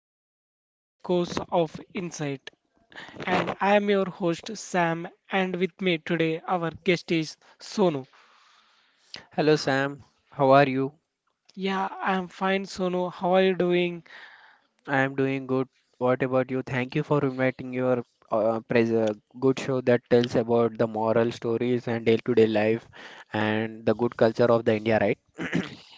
our show Echoes of Insight. And I am your host Sam, and with me today our guest is Sonu. Hello Sam, how are you? Yeah, I am fine, Sonu. How are you doing? I am doing good. What about you? Thank you for inviting your pres good show that tells about the moral stories and day-to-day life and the good culture of the India, right?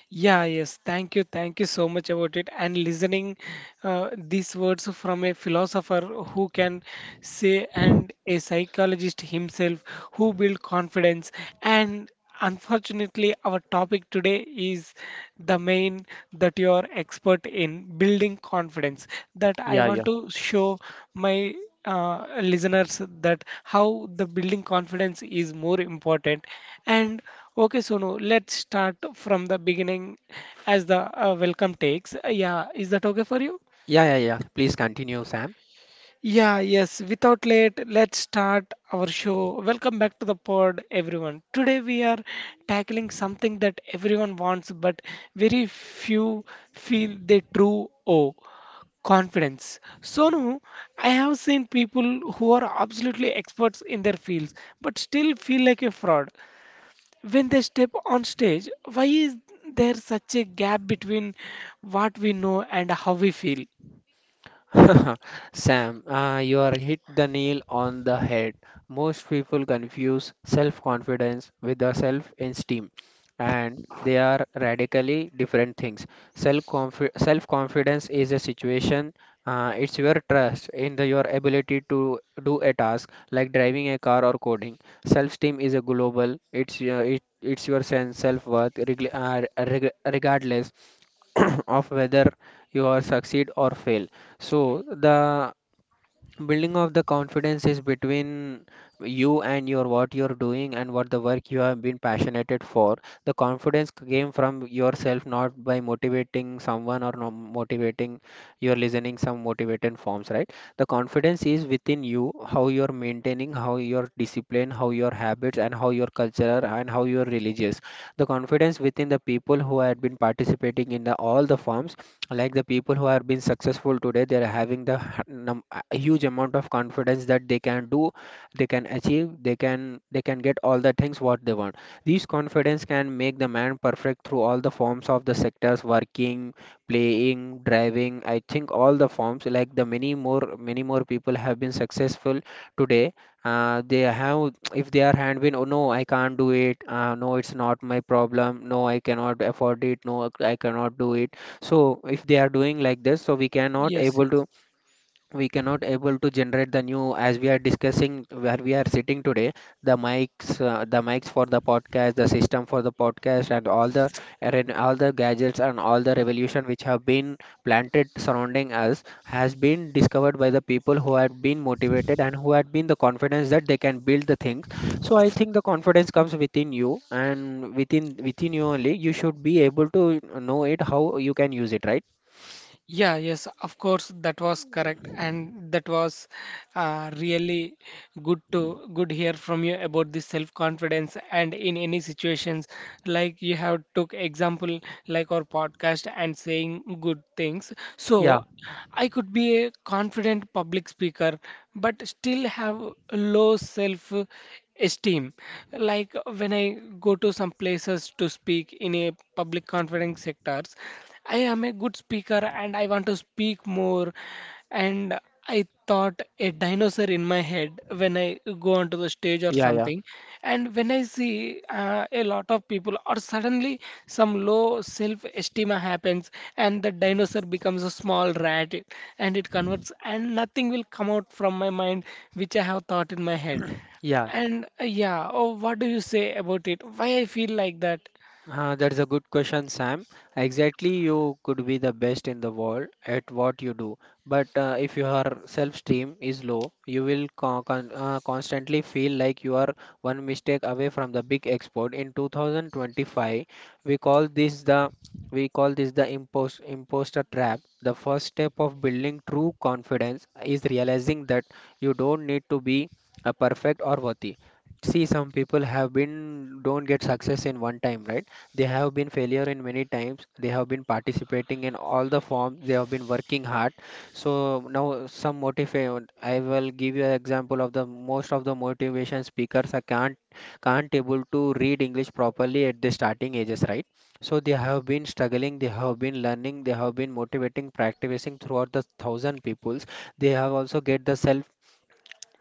Yeah, yes. Thank you. Thank you so much about it. And listening these words from a philosopher who can say, and a psychologist himself who build confidence. And unfortunately, our topic today is the main that you are expert in building confidence. That I want to show my listeners that how the building confidence is more important. And okay, Sonu, let's start from the beginning as the welcome takes. Yeah, is that okay for you? Yeah, yeah, yeah. Please continue, Sam. Yeah, yes. Without late, let's start our show. Welcome back to the pod, everyone. Today we are tackling something that everyone wants, but very few feel they true owe confidence. Sonu, I have seen people who are absolutely experts in their fields, but still feel like a fraud when they step on stage. Why is there such a gap between what we know and how we feel? Sam, you are hit the nail on the head. Most people confuse self confidence with the self esteem, and they are radically different things. Self self confidence is a situation, it's your trust in your ability to do a task like driving a car or coding. Self esteem is a global, it's your sense self worth, regardless. Of whether you are succeed or fail, so the building of the confidence is between you and your what you're doing and what the work you have been passionate for. The confidence came from yourself, not by motivating someone or no motivating. You're listening some motivated forms, right? The confidence is within you, how you're maintaining, how your discipline, how your habits, and how your culture, and how you're religious. The confidence within the people who had been participating in the all the forms, like the people who have been successful today, they are having the a huge amount of confidence that they can do, they can achieve, they can get all the things what they want. These confidence can make the man perfect through all the forms of the sectors, working, playing, driving. I think all the forms, like the many more people have been successful today. They have, if they are hand been, oh no I can't do it, no it's not my problem, no I cannot afford it, no I cannot do it. So if they are doing like this, so we cannot Yes, able yes. to, we cannot able to generate the new. As we are discussing where we are sitting today, the mics, for the podcast, the system for the podcast, and all the gadgets, and all the revolution which have been planted surrounding us, has been discovered by the people who had been motivated and who had been the confidence that they can build the things. So I think the confidence comes within you, and within you only, you should be able to know it, how you can use it, right? Yeah, yes, of course, that was correct, and that was really good to good hear from you about the self-confidence and in any situations like you have took example like our podcast and saying good things. Yeah, So I could be a confident public speaker, but still have low self esteem. Like when I go to some places to speak in a public conference sectors, I am a good speaker and I want to speak more. And I thought a dinosaur in my head when I go onto the stage or yeah, yeah, something. And when I see a lot of people, or suddenly some low self-esteem happens, and the dinosaur becomes a small rat, and it converts, and nothing will come out from my mind which I have thought in my head. yeah. And yeah, oh, what do you say about it? Why I feel like that? That's a good question, Sam. Exactly, you could be the best in the world at what you do, but if your self-esteem is low, you will constantly feel like you are one mistake away from the big export. In 2025, we call this the imposter trap. The first step of building true confidence is realizing that you don't need to be a perfect or worthy. See, some people have been don't get success in one time, right? They have been failure in many times. They have been participating in all the forms. They have been working hard. So now some motivate. I will give you an example of the most of the motivation speakers. I can't able to read English properly at the starting ages, right? So they have been struggling. They have been learning. They have been motivating, practicing throughout the thousand peoples. They have also get the self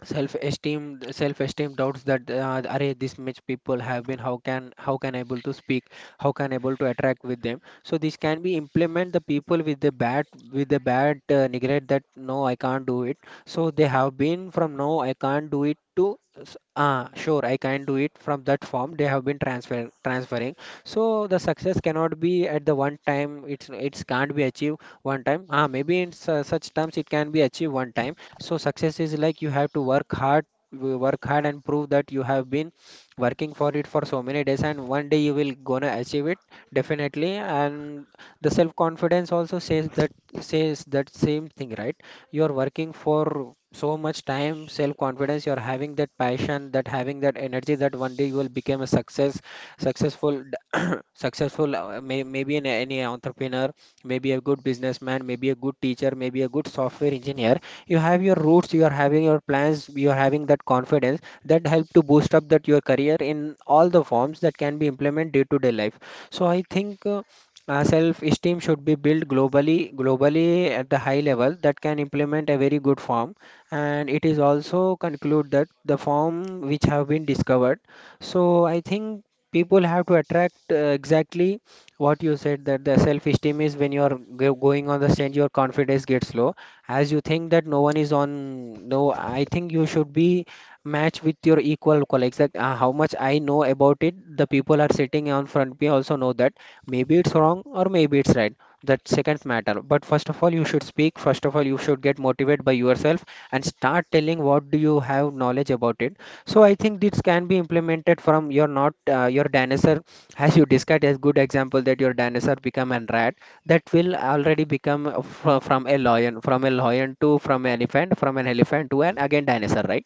self-esteem self-esteem doubts that array this much people have been, how can able to speak, how can able to attract with them. So this can be implement the people with the bad, neglect that no I can't do it. So they have been from no I can't do it to sure I can do it. From that form they have been transferring. So the success cannot be at the one time, it's can't be achieved one time. Ah, maybe in such terms it can be achieved one time. So success is like you have to work hard, work hard, and prove that you have been working for it for so many days, and one day you will gonna achieve it definitely. And the self confidence also says that, same thing, right? You are working for so much time, self confidence, you are having that passion, that having that energy, that one day you will become a success, successful. Successful, maybe any entrepreneur, maybe a good businessman, maybe a good teacher, maybe a good software engineer. You have your roots, you are having your plans, you are having that confidence that help to boost up that your career in all the forms that can be implemented day to day life. So I think self-esteem should be built globally, at the high level, that can implement a very good form, and it is also conclude that the form which have been discovered. So I think people have to attract, exactly what you said, that the self-esteem is when you are going on the stage, your confidence gets low, as you think that no one is on, no I think you should be matched with your equal colleagues, like how much I know about it, the people are sitting on front me also know that, maybe it's wrong or maybe it's right. That second matter, but first of all you should speak, first of all you should get motivated by yourself and start telling what do you have knowledge about it. So I think this can be implemented from your not, your dinosaur, as you discussed as good example, that your dinosaur become a rat, that will already become from a lion, from a lion to from an elephant, from an elephant to an again dinosaur, right?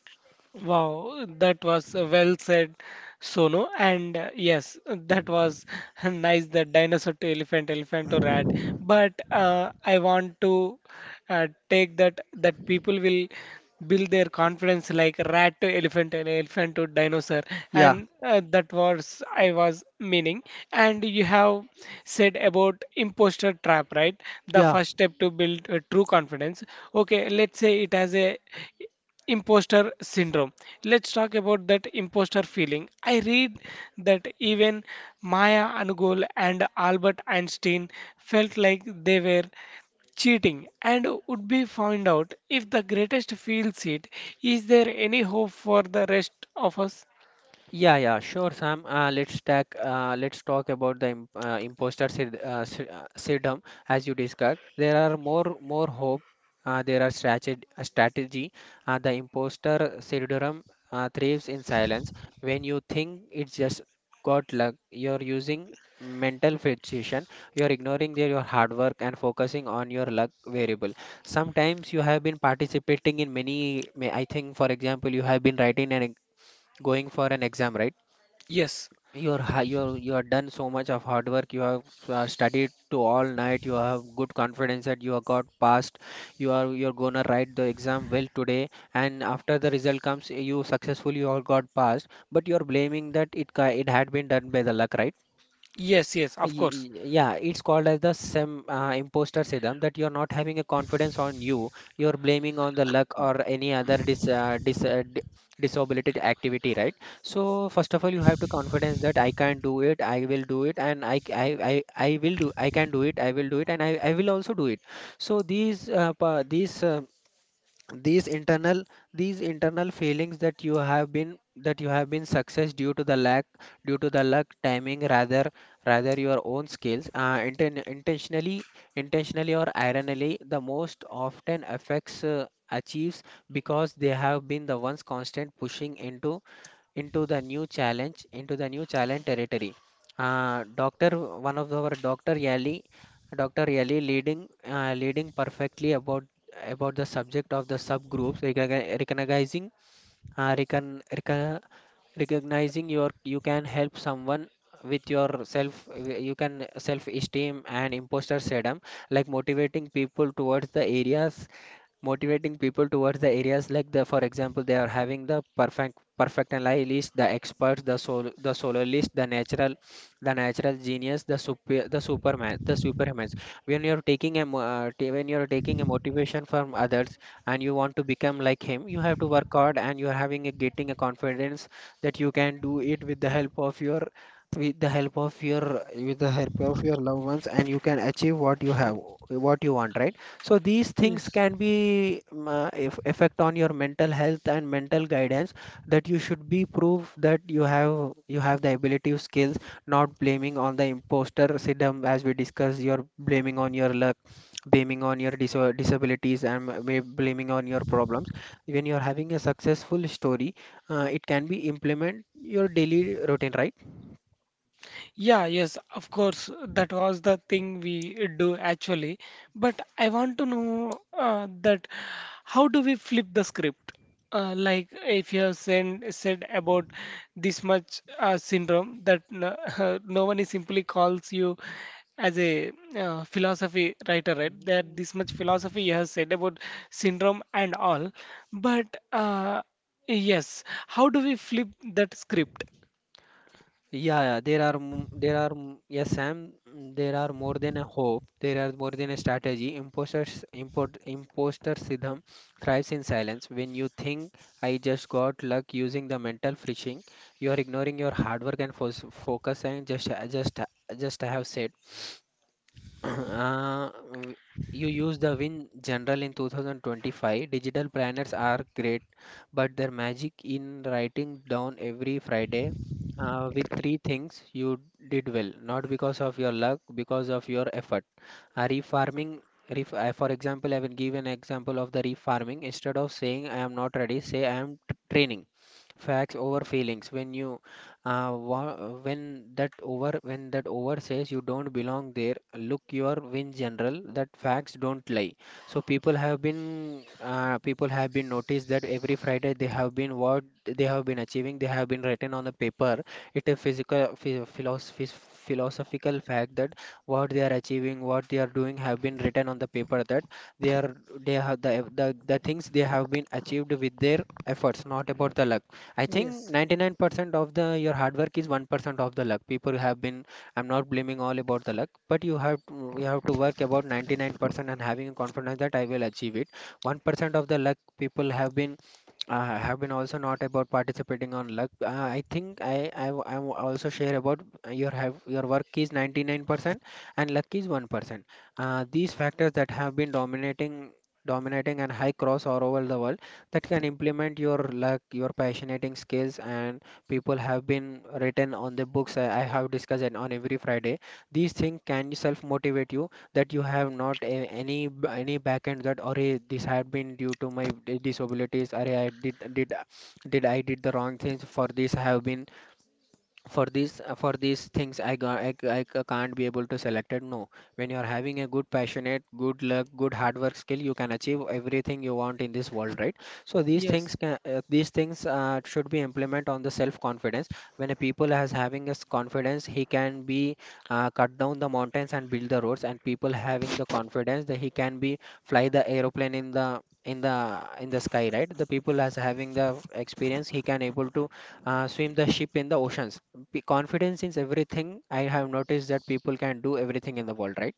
Wow, that was well said, Sono. And yes, that was nice, the dinosaur to elephant, elephant to rat. But I want to take that that people will build their confidence like rat to elephant and elephant to dinosaur. And that was I was meaning. And you have said about imposter trap, right? The Yeah, first step to build true confidence. Okay, let's say it has a imposter syndrome. Let's talk about that imposter feeling. I read that even Maya Anugol and Albert Einstein felt like they were cheating and would be found out. If the greatest feels it, is there any hope for the rest of us? yeah, yeah, sure, Sam. Let's talk about the imposter syndrome as you discussed. There are more hope. There are strategy. The imposter syndrome thrives in silence. When you think it's just got luck, you're using mental fixation. You're ignoring your hard work and focusing on your luck variable. Sometimes you have been participating in many. I think, for example, you have been writing and going for an exam, right? Yes, You're, you have done so much of hard work, you have studied to all night, you have good confidence that you have got passed, you're gonna write the exam well today, and after the result comes you successfully all got passed, but you're blaming that it it had been done by the luck, right? yes, yes, of course. Yeah, it's called as the sem imposter syndrome, that you're not having a confidence on you. You're blaming on the luck or any other disability activity, right? So first of all, you have to confidence that I can do it, I will do it, and I will do, I can do it, I will do it, and I will also do it. So these these internal, feelings that you have been, success due to the lack, due to the luck timing, rather your own skills, intentionally, or ironically, the most often affects, achieves, because they have been the ones constant pushing into, into the new challenge territory. Doctor one of our Doctor Yali, Dr Yali leading, leading perfectly about, the subject of the subgroups, recognizing, uh, recon, recon, recognizing your, you can help someone with your self, you can self esteem and imposter syndrome, like motivating people towards the areas, like the, for example, they are having the perfect analysis list, the experts, the solar, the natural the natural genius, the superman, the superhumans. When you're taking a when you're taking a motivation from others and you want to become like him, you have to work hard and you're having a getting a confidence that you can do it with the help of your, loved ones, and you can achieve what you have, what you want, right? So these things Yes. can be effect on your mental health and mental guidance, that you should be proof that you have, you have the ability of skills, not blaming on the imposter syndrome. As we discussed, you're blaming on your luck, blaming on your disabilities, and blaming on your problems, when you're having a successful story, it can be implement your daily routine, right? Yeah, yes, of course. That was the thing we do actually. But I want to know that how do we flip the script? Like if you have said about this much syndrome that no, no one is simply calls you as a philosophy writer, right? That this much philosophy you have said about syndrome and all. But yes, how do we flip that script? Yeah, yeah, there are yes, Sam. There are more than a hope. There are more than a strategy. Imposter syndrome thrives in silence. When you think I just got luck using the mental phishing, you are ignoring your hard work and fo focus and just just I have said. Uh, w- you use the Win General in 2025. Digital planners are great, but their magic in writing down every Friday with three things you did well, not because of your luck, because of your effort. A refarming, for example, I will give an example of the refarming. Instead of saying I am not ready, say I am training facts over feelings when uh, wa- that over when that over says you don't belong there, look your win general that facts don't lie. So people have been noticed that every Friday they have been what they have been achieving, they have been written on the paper. It is physical ph- philosophy philosophical fact that what they are achieving, what they are doing have been written on the paper, that they are, they have the things they have been achieved with their efforts, not about the luck. I think 99% of the your hard work is 1% of the luck. People have been, I'm not blaming all about the luck, but you have to work about 99% and having a confidence that I will achieve it. 1% of the luck people have been also not about participating on luck. I think I also share about your have your work is 99% and luck is 1%. These factors that have been dominating and high cross all over the world, that can implement your, like, your passionating skills. And people have been written on the books. I have discussed it on every Friday. These things can self motivate you that you have not a, any any back end that, or this had been due to my disabilities, or I did I did the wrong things. For this I have been, for these things, I, ga- I c- can't be able to select it. No, when you're having a good passionate, good luck, good hard work skill, you can achieve everything you want in this world, right? So these things Yes, can these things should be implement on the self confidence. When a people has having this confidence, he can be cut down the mountains and build the roads, and people having the confidence that he can be fly the aeroplane in the sky, right? The people as having the experience, he can able to swim the ship in the oceans. Be confidence in everything. I have noticed that people can do everything in the world, right?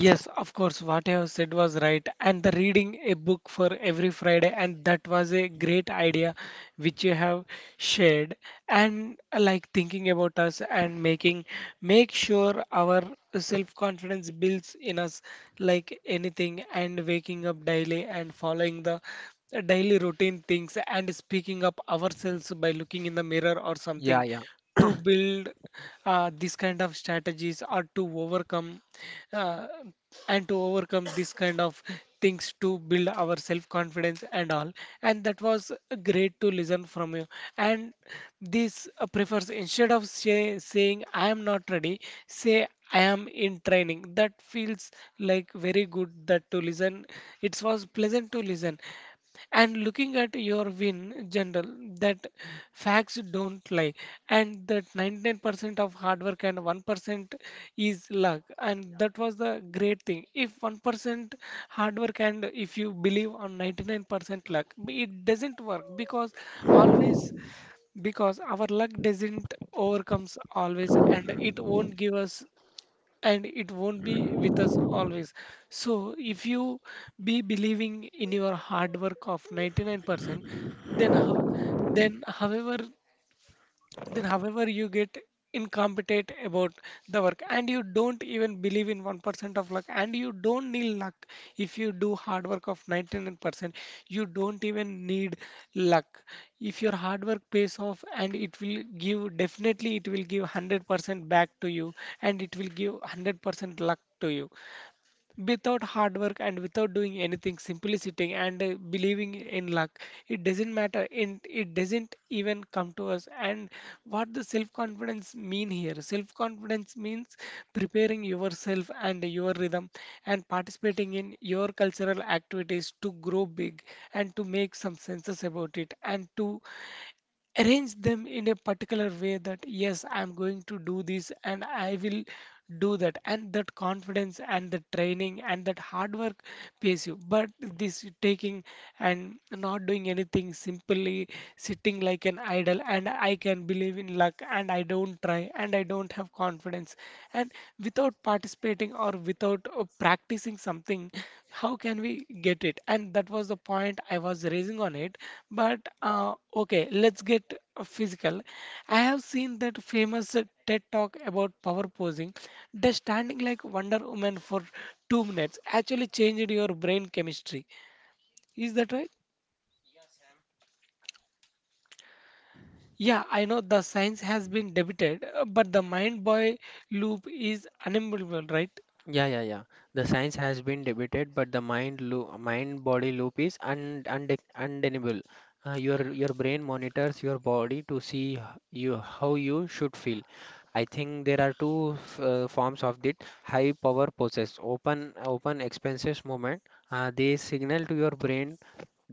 yes, of course, what you have said was right. And the reading a book for every Friday, and that was a great idea which you have shared. And like thinking about us and making make sure our self-confidence builds in us like anything, and waking up daily and following the daily routine things and speaking up ourselves by looking in the mirror or Yeah, something yeah, to build this kind of strategies or to overcome uh, and to overcome this kind of things to build our self confidence and all. And that was great to listen from you. And this prefers instead of saying I am not ready, say I am in training. That feels like very good that to listen. It was pleasant to listen and looking at your win general, that facts don't lie, and that 99% of hard work and 1% is luck. And that was the great thing. If 1% hard work and if you believe on 99% luck, it doesn't work, because always, because our luck doesn't overcomes always and it won't give us and it won't be with us always. So if you be believing in your hard work of 99%, then how, then however, then however you get incompetent about the work, and you don't even believe in 1% of luck and you don't need luck. If you do hard work of 99%, you don't even need luck. If your hard work pays off, and it will give definitely, it will give 100% back to you, and it will give 100% luck to you. Without hard work and without doing anything, simply sitting and believing in luck, it doesn't matter and it doesn't even come to us. And what the self confidence mean here? Self confidence means preparing yourself and your rhythm and participating in your cultural activities to grow big and to make some senses about it, and to arrange them in a particular way that yes, I'm going to do this and I will do that, and that confidence and the training and that hard work pays you. But this taking and not doing anything, simply sitting like an idol, and I can believe in luck and I don't try and I don't have confidence, and without participating or without practicing something, how can we get it? And that was the point I was raising on it. But okay, let's get physical. I have seen that famous TED talk about power posing. Does standing like Wonder Woman for 2 minutes actually changed your brain chemistry? Is that right? Yeah, I know the science has been debated, but the mind boy loop is unavoidable, right? yeah, yeah, yeah. The science has been debated, but the mind loop, mind body loop is un, unde undeniable. Your brain monitors your body to see h- you how you should feel. I think there are two forms of it. High power poses, open expenses movement. They signal to your brain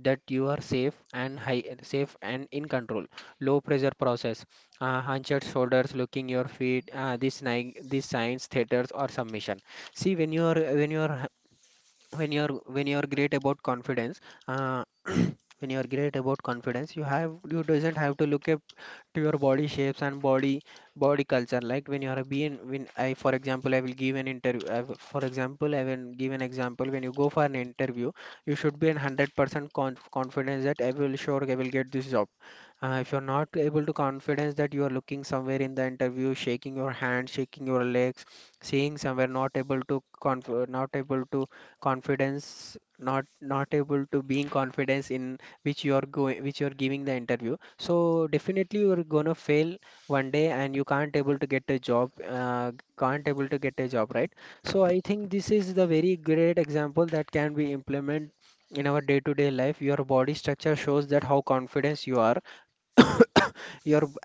that you are safe and in control. Low pressure process, hunched shoulders, looking your feet. These signs, theaters or submission. See, when you are when you are when you are when you are great about confidence. Uh, when you are great about confidence, you have you doesn't have to look a to your body shapes and body culture. Like, when you are being, when I for example I will give an interview I, will- for example, I will give an example. When you go for an interview, you should be in 100% confidence that I will sure I will get this job. If you're not able to confidence, that you are looking somewhere in the interview, shaking your hand, shaking your legs, seeing somewhere, not able to conf not able to confidence, not able to being confidence in which you are going, which you are giving the interview. So definitely you are gonna fail one day, and you can't able to get a job, can't able to get a job, right? So I think this is the very great example that can be implemented in our day-to-day life. Your body structure shows that how confident you are يربط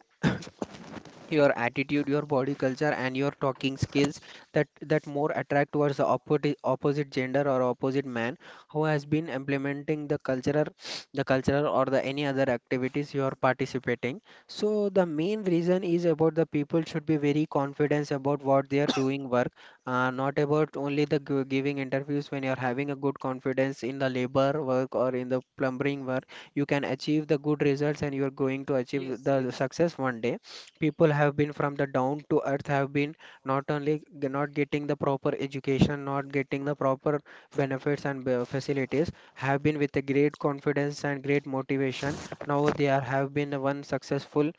your attitude, your body culture, and your talking skills, that that more attract towards the opposite gender or opposite man, who has been implementing the cultural the cultural or the any other activities you are participating. So the main reason is about the people should be very confident about what they are doing work. Not about only the giving interviews, when you are having a good confidence in the labor work or in the plumbing work, you can achieve the good results, and you are going to achieve Yes, the yes, success one day. People have been from the down to earth, have been not only not getting the proper education, not getting the proper benefits and facilities, have been with a great confidence and great motivation. Now they are have been one successful,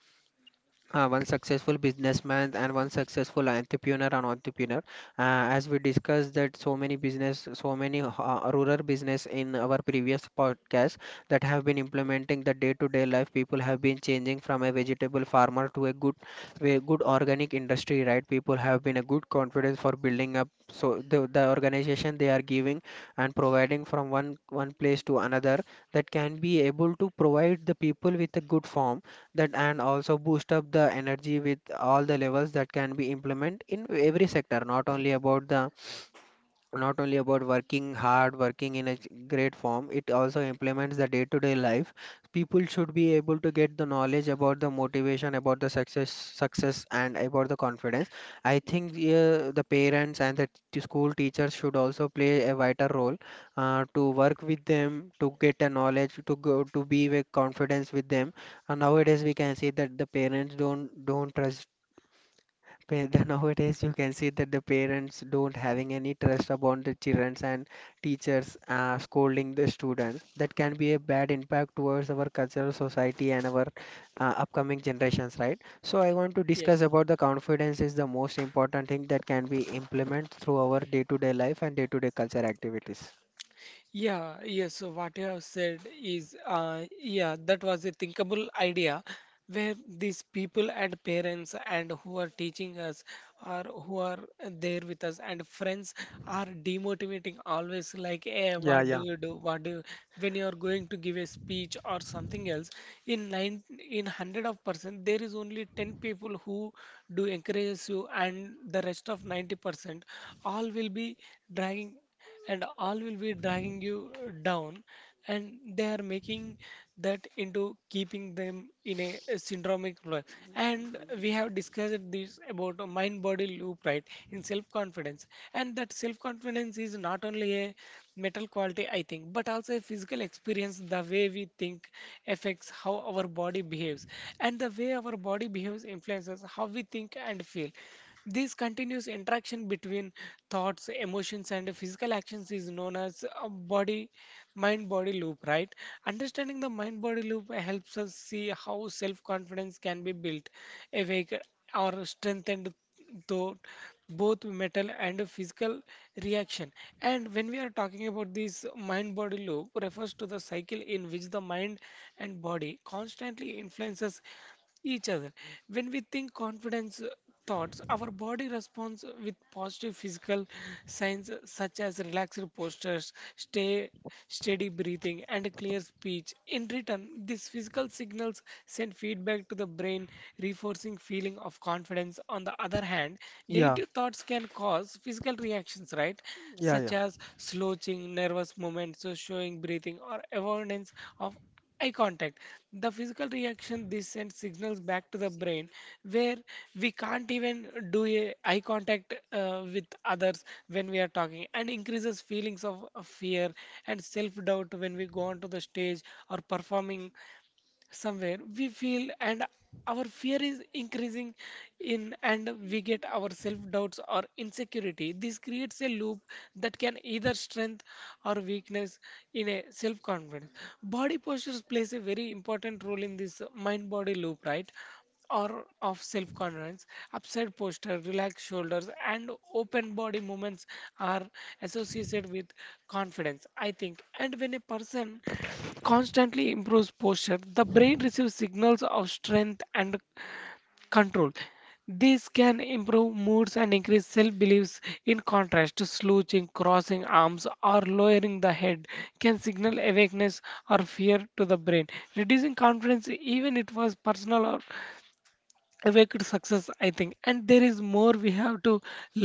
one successful businessman and one successful entrepreneur. As we discussed that so many business, so many rural business in our previous podcast, that have been implementing the day to day life, people have been changing from a vegetable farmer to a good organic industry, right? People have been a good confidence for building up. So the organization they are giving and providing from one place to another, that can be able to provide the people with a good form, that, and also boost up the energy with all the levels that can be implemented in every sector. Not only about the not only about working hard, working in a great form, it also implements the day to day life. People should be able to get the knowledge about the motivation, about the success, and about the confidence. I think, yeah, the parents and the school teachers should also play a vital role, to work with them, to get a knowledge, to go to be with confidence with them. And nowadays we can see that the parents don't trust. Pa- the Nowadays you can see that the parents don't having any trust upon the childrens, and teachers scolding the students, that can be a bad impact towards our cultural society and our upcoming generations, right? So I want to discuss yes. about the confidence is the most important thing that can be implemented through our day-to-day life and day-to-day culture activities. Yeah, yes, so what you have said is, yeah, that was a thinkable idea where these people and parents and who are teaching us, or who are there with us and friends, are demotivating always, like, hey, Yeah, what do yeah, you do? What do you, when you are going to give a speech or something else, in nine, in hundred of percent, there is only 10 people who do encourages you and the rest of 90% all will be dragging dragging you down, and they are making that into keeping them in a syndromic loop. And we have discussed this about a mind body loop, right, in self confidence. And that self confidence is not only a mental quality I think, but also a physical experience. The way we think affects how our body behaves, and the way our body behaves influences how we think and feel. This continuous interaction between thoughts, emotions, and physical actions is known as a body mind body loop, right? Understanding the mind body loop helps us see how self confidence can be built, awake, or strengthened through both mental and physical reaction. And when we are talking about this mind body loop, refers to the cycle in which the mind and body constantly influences each other. When we think confidence thoughts, our body responds with positive physical signs such as relaxed postures, stay steady breathing, and a clear speech. In return, these physical signals send feedback to the brain, reinforcing feeling of confidence. On the other hand, yeah, negative thoughts can cause physical reactions, right? yeah, Such yeah. as slouching, nervous movements, so showing breathing, or avoidance of eye contact. The physical reaction this sends signals back to the brain, where we can't even do a eye contact with others when we are talking, and increases feelings of fear and self doubt. When we go onto the stage or performing somewhere, we feel and our fear is increasing in, and we get our self-doubts or insecurity. This creates a loop that can either strength or weakness in a self-confidence. Body postures plays a very important role in this mind-body loop, right, or of self-confidence. Upside posture, relaxed shoulders, and open body movements are associated with confidence, I think. And when a person constantly improves posture, the brain receives signals of strength and control. This can improve moods and increase self beliefs. In contrast, slouching, crossing arms, or lowering the head can signal awakeness or fear to the brain, reducing confidence, even it was personal or way to success, I think. And there is more we have to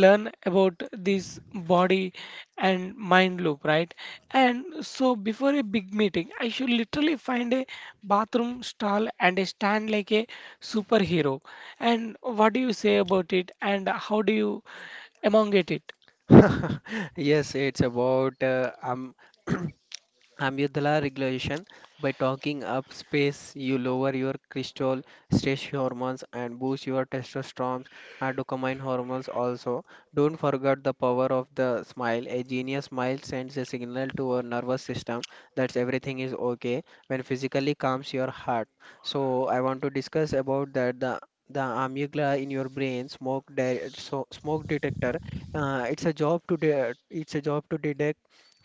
learn about this body and mind loop, right? And so before a big meeting, I should literally find a bathroom stall and a stand like a superhero, and what do you say about it and how do you among it? Yes, it's about amygdala regulation. By talking up space, you lower your cortisol, stress hormones, and boost your testosterone and dopamine hormones. Also, don't forget the power of the smile. A genius smile sends a signal to our nervous system that everything is okay, when physically calms your heart. So, I want to discuss about that the amygdala in your brain smoke smoke detector. It's a job to detect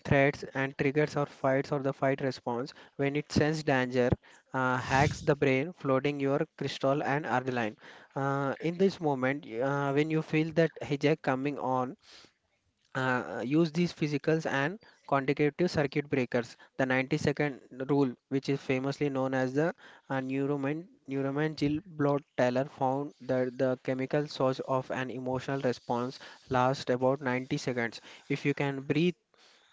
threats and triggers, or fights or the fight response. When it senses danger, hacks the brain, flooding your crystal and adrenaline. In this moment, when you feel that hijack coming on, use these physicals and consecutive circuit breakers. The 90-second rule, which is famously known as the uh, Neuroman, Neuroman Jill Blot Taylor, found that the chemical source of an emotional response lasts about 90 seconds. If you can breathe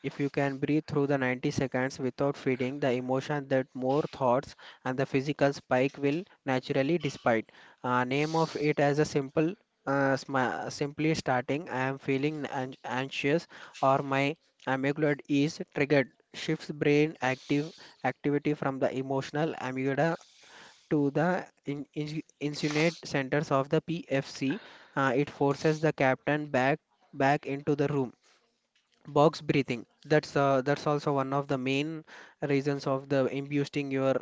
if you can breathe through the 90 seconds without feeding the emotion, that more thoughts and the physical spike will naturally despite. Name of it as a simple, sma simply starting I am feeling anxious, or my amygdala is triggered, shifts brain active activity from the emotional amygdala to the insulate centers of the PFC. It forces the captain back into the room. Box breathing, that's also one of the main reasons of the boosting your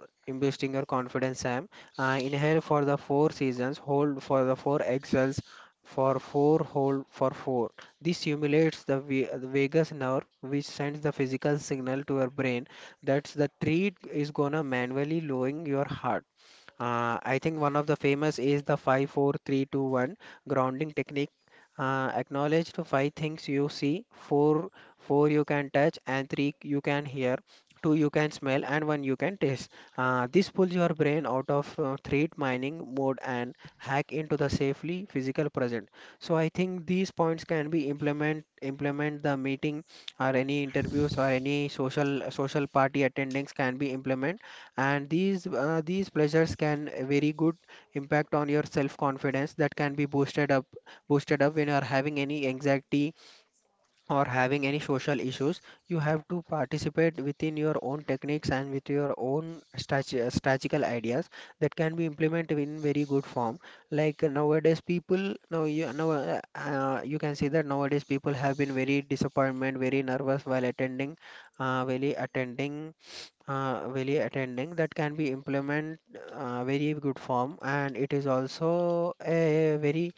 boosting your confidence, Sam. Inhale for the four seasons, hold for the four, exhales for four, hold for four. This stimulates the the vagus nerve, which sends the physical signal to your brain that's the treat is gonna manually lowering your heart. I think one of the famous is the 5-4-3-2-1 grounding technique. Acknowledge the five things you see, four, four you can touch, and three you can hear, two you can smell, and one you can taste. This pulls your brain out of threat mining mode and hack into the safely physical present. So I think these points can be implement the meeting or any interviews or any social party attendings can be implement, and these pleasures can a very good impact on your self confidence that can be boosted up when you are having any anxiety or having any social issues. You have to participate within your own techniques and with your own strategical ideas that can be implemented in very good form, like nowadays people now you can see that nowadays people have been very disappointment, very nervous while attending, uh, really attending really attending that can be implement very good form. And it is also a very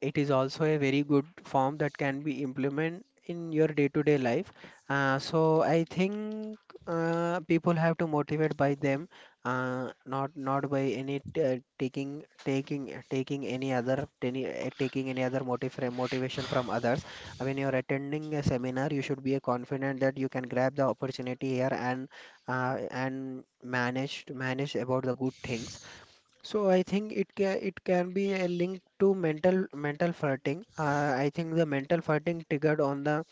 it is also a very good form that can be implemented in your day-to-day life. So I think people have to motivate by them, not by taking any other taking any other motive motivation from others. When you're attending a seminar, you should be confident that you can grab the opportunity here, and and manage about the good things. So I think it can be a link to mental farting. I think the mental farting triggered on the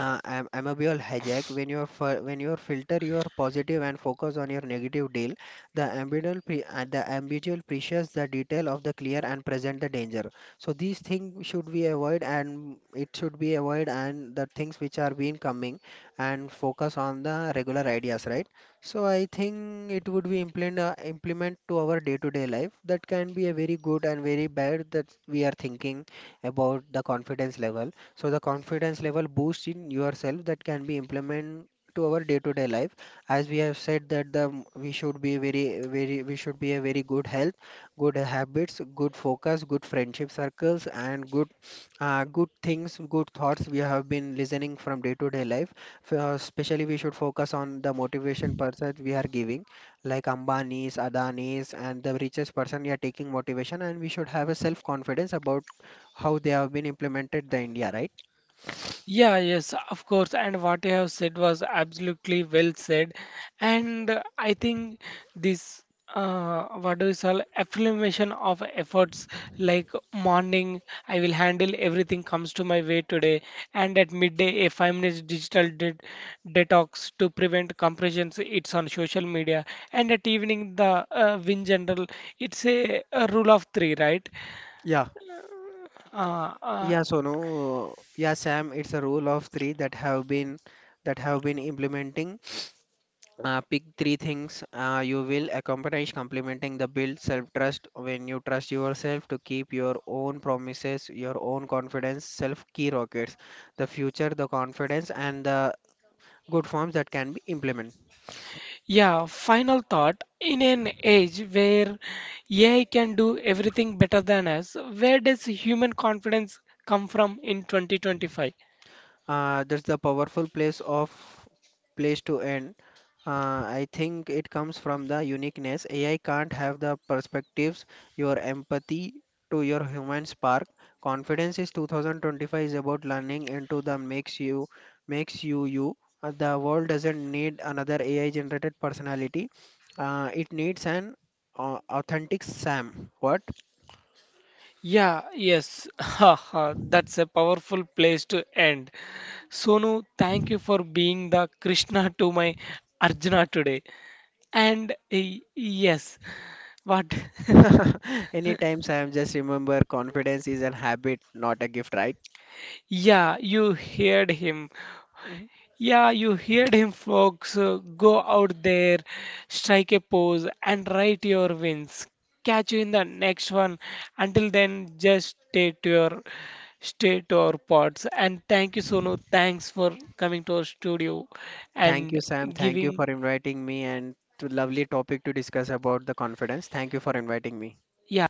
Amoebial hijack when when your filter your positive and focus on your negative deal, the ambigual precious, the detail of the clear and present the danger. So these things should be avoid, and it should be avoid, and the things which are been coming, and focus on the regular ideas, right? So I think it would be implement, implement to our day to day life, that can be a very good and very bad that we are thinking about the confidence level. So the confidence level boost in yourself, that can be implemented to our day-to-day life. As we have said that we should be very very we should be a very good health, good habits, good focus, good friendship circles, and good things, good thoughts we have been listening from day-to-day life. Especially we should focus on the motivation person we are giving, like Ambani's, Adani's, and the richest person we are taking motivation, and we should have a self-confidence about how they have been implemented the India, right? Yeah, yes, of course. And what you have said was absolutely well said. And I think this, what do you call, affirmation of efforts, like morning, I will handle everything comes to my way today. And at midday, a 5 minutes digital detox to prevent compressions. It's on social media. And at evening, the in general, it's a rule of three, right? Yeah, Uh, uh, yeah, so no, yeah, Sam, it's a rule of three that have been implementing. Pick three things you will accomplish, complementing the build self-trust when you trust yourself to keep your own promises, your own confidence, self-key rockets, the future, the confidence, and the good forms that can be implemented. yeah, final thought. In an age where AI can do everything better than us, where does human confidence come from in 2025? That's the powerful place to end. I think it comes from the uniqueness. AI can't have the perspectives, your empathy to your human spark. Confidence is 2025 is about learning into the makes you you. The world doesn't need another AI generated personality. It needs an authentic Sam. What? Yeah, yes, ha ha, that's a powerful place to end. Sonu, thank you for being the Krishna to my Arjuna today. And eh, yes, what? Anytime Sam, just remember confidence is a habit, not a gift, right? Yeah, you heard him. Mm-hmm. Yeah, you heard him, folks. Go out there, strike a pose, and write your wins. Catch you in the next one. Until then, just stay to your stay to our pods. And thank you, Sonu. Thanks for coming to our studio Thank you, and Sam. Thank you for giving. inviting me, and to lovely topic to discuss about the confidence. Thank you for inviting me. Yeah.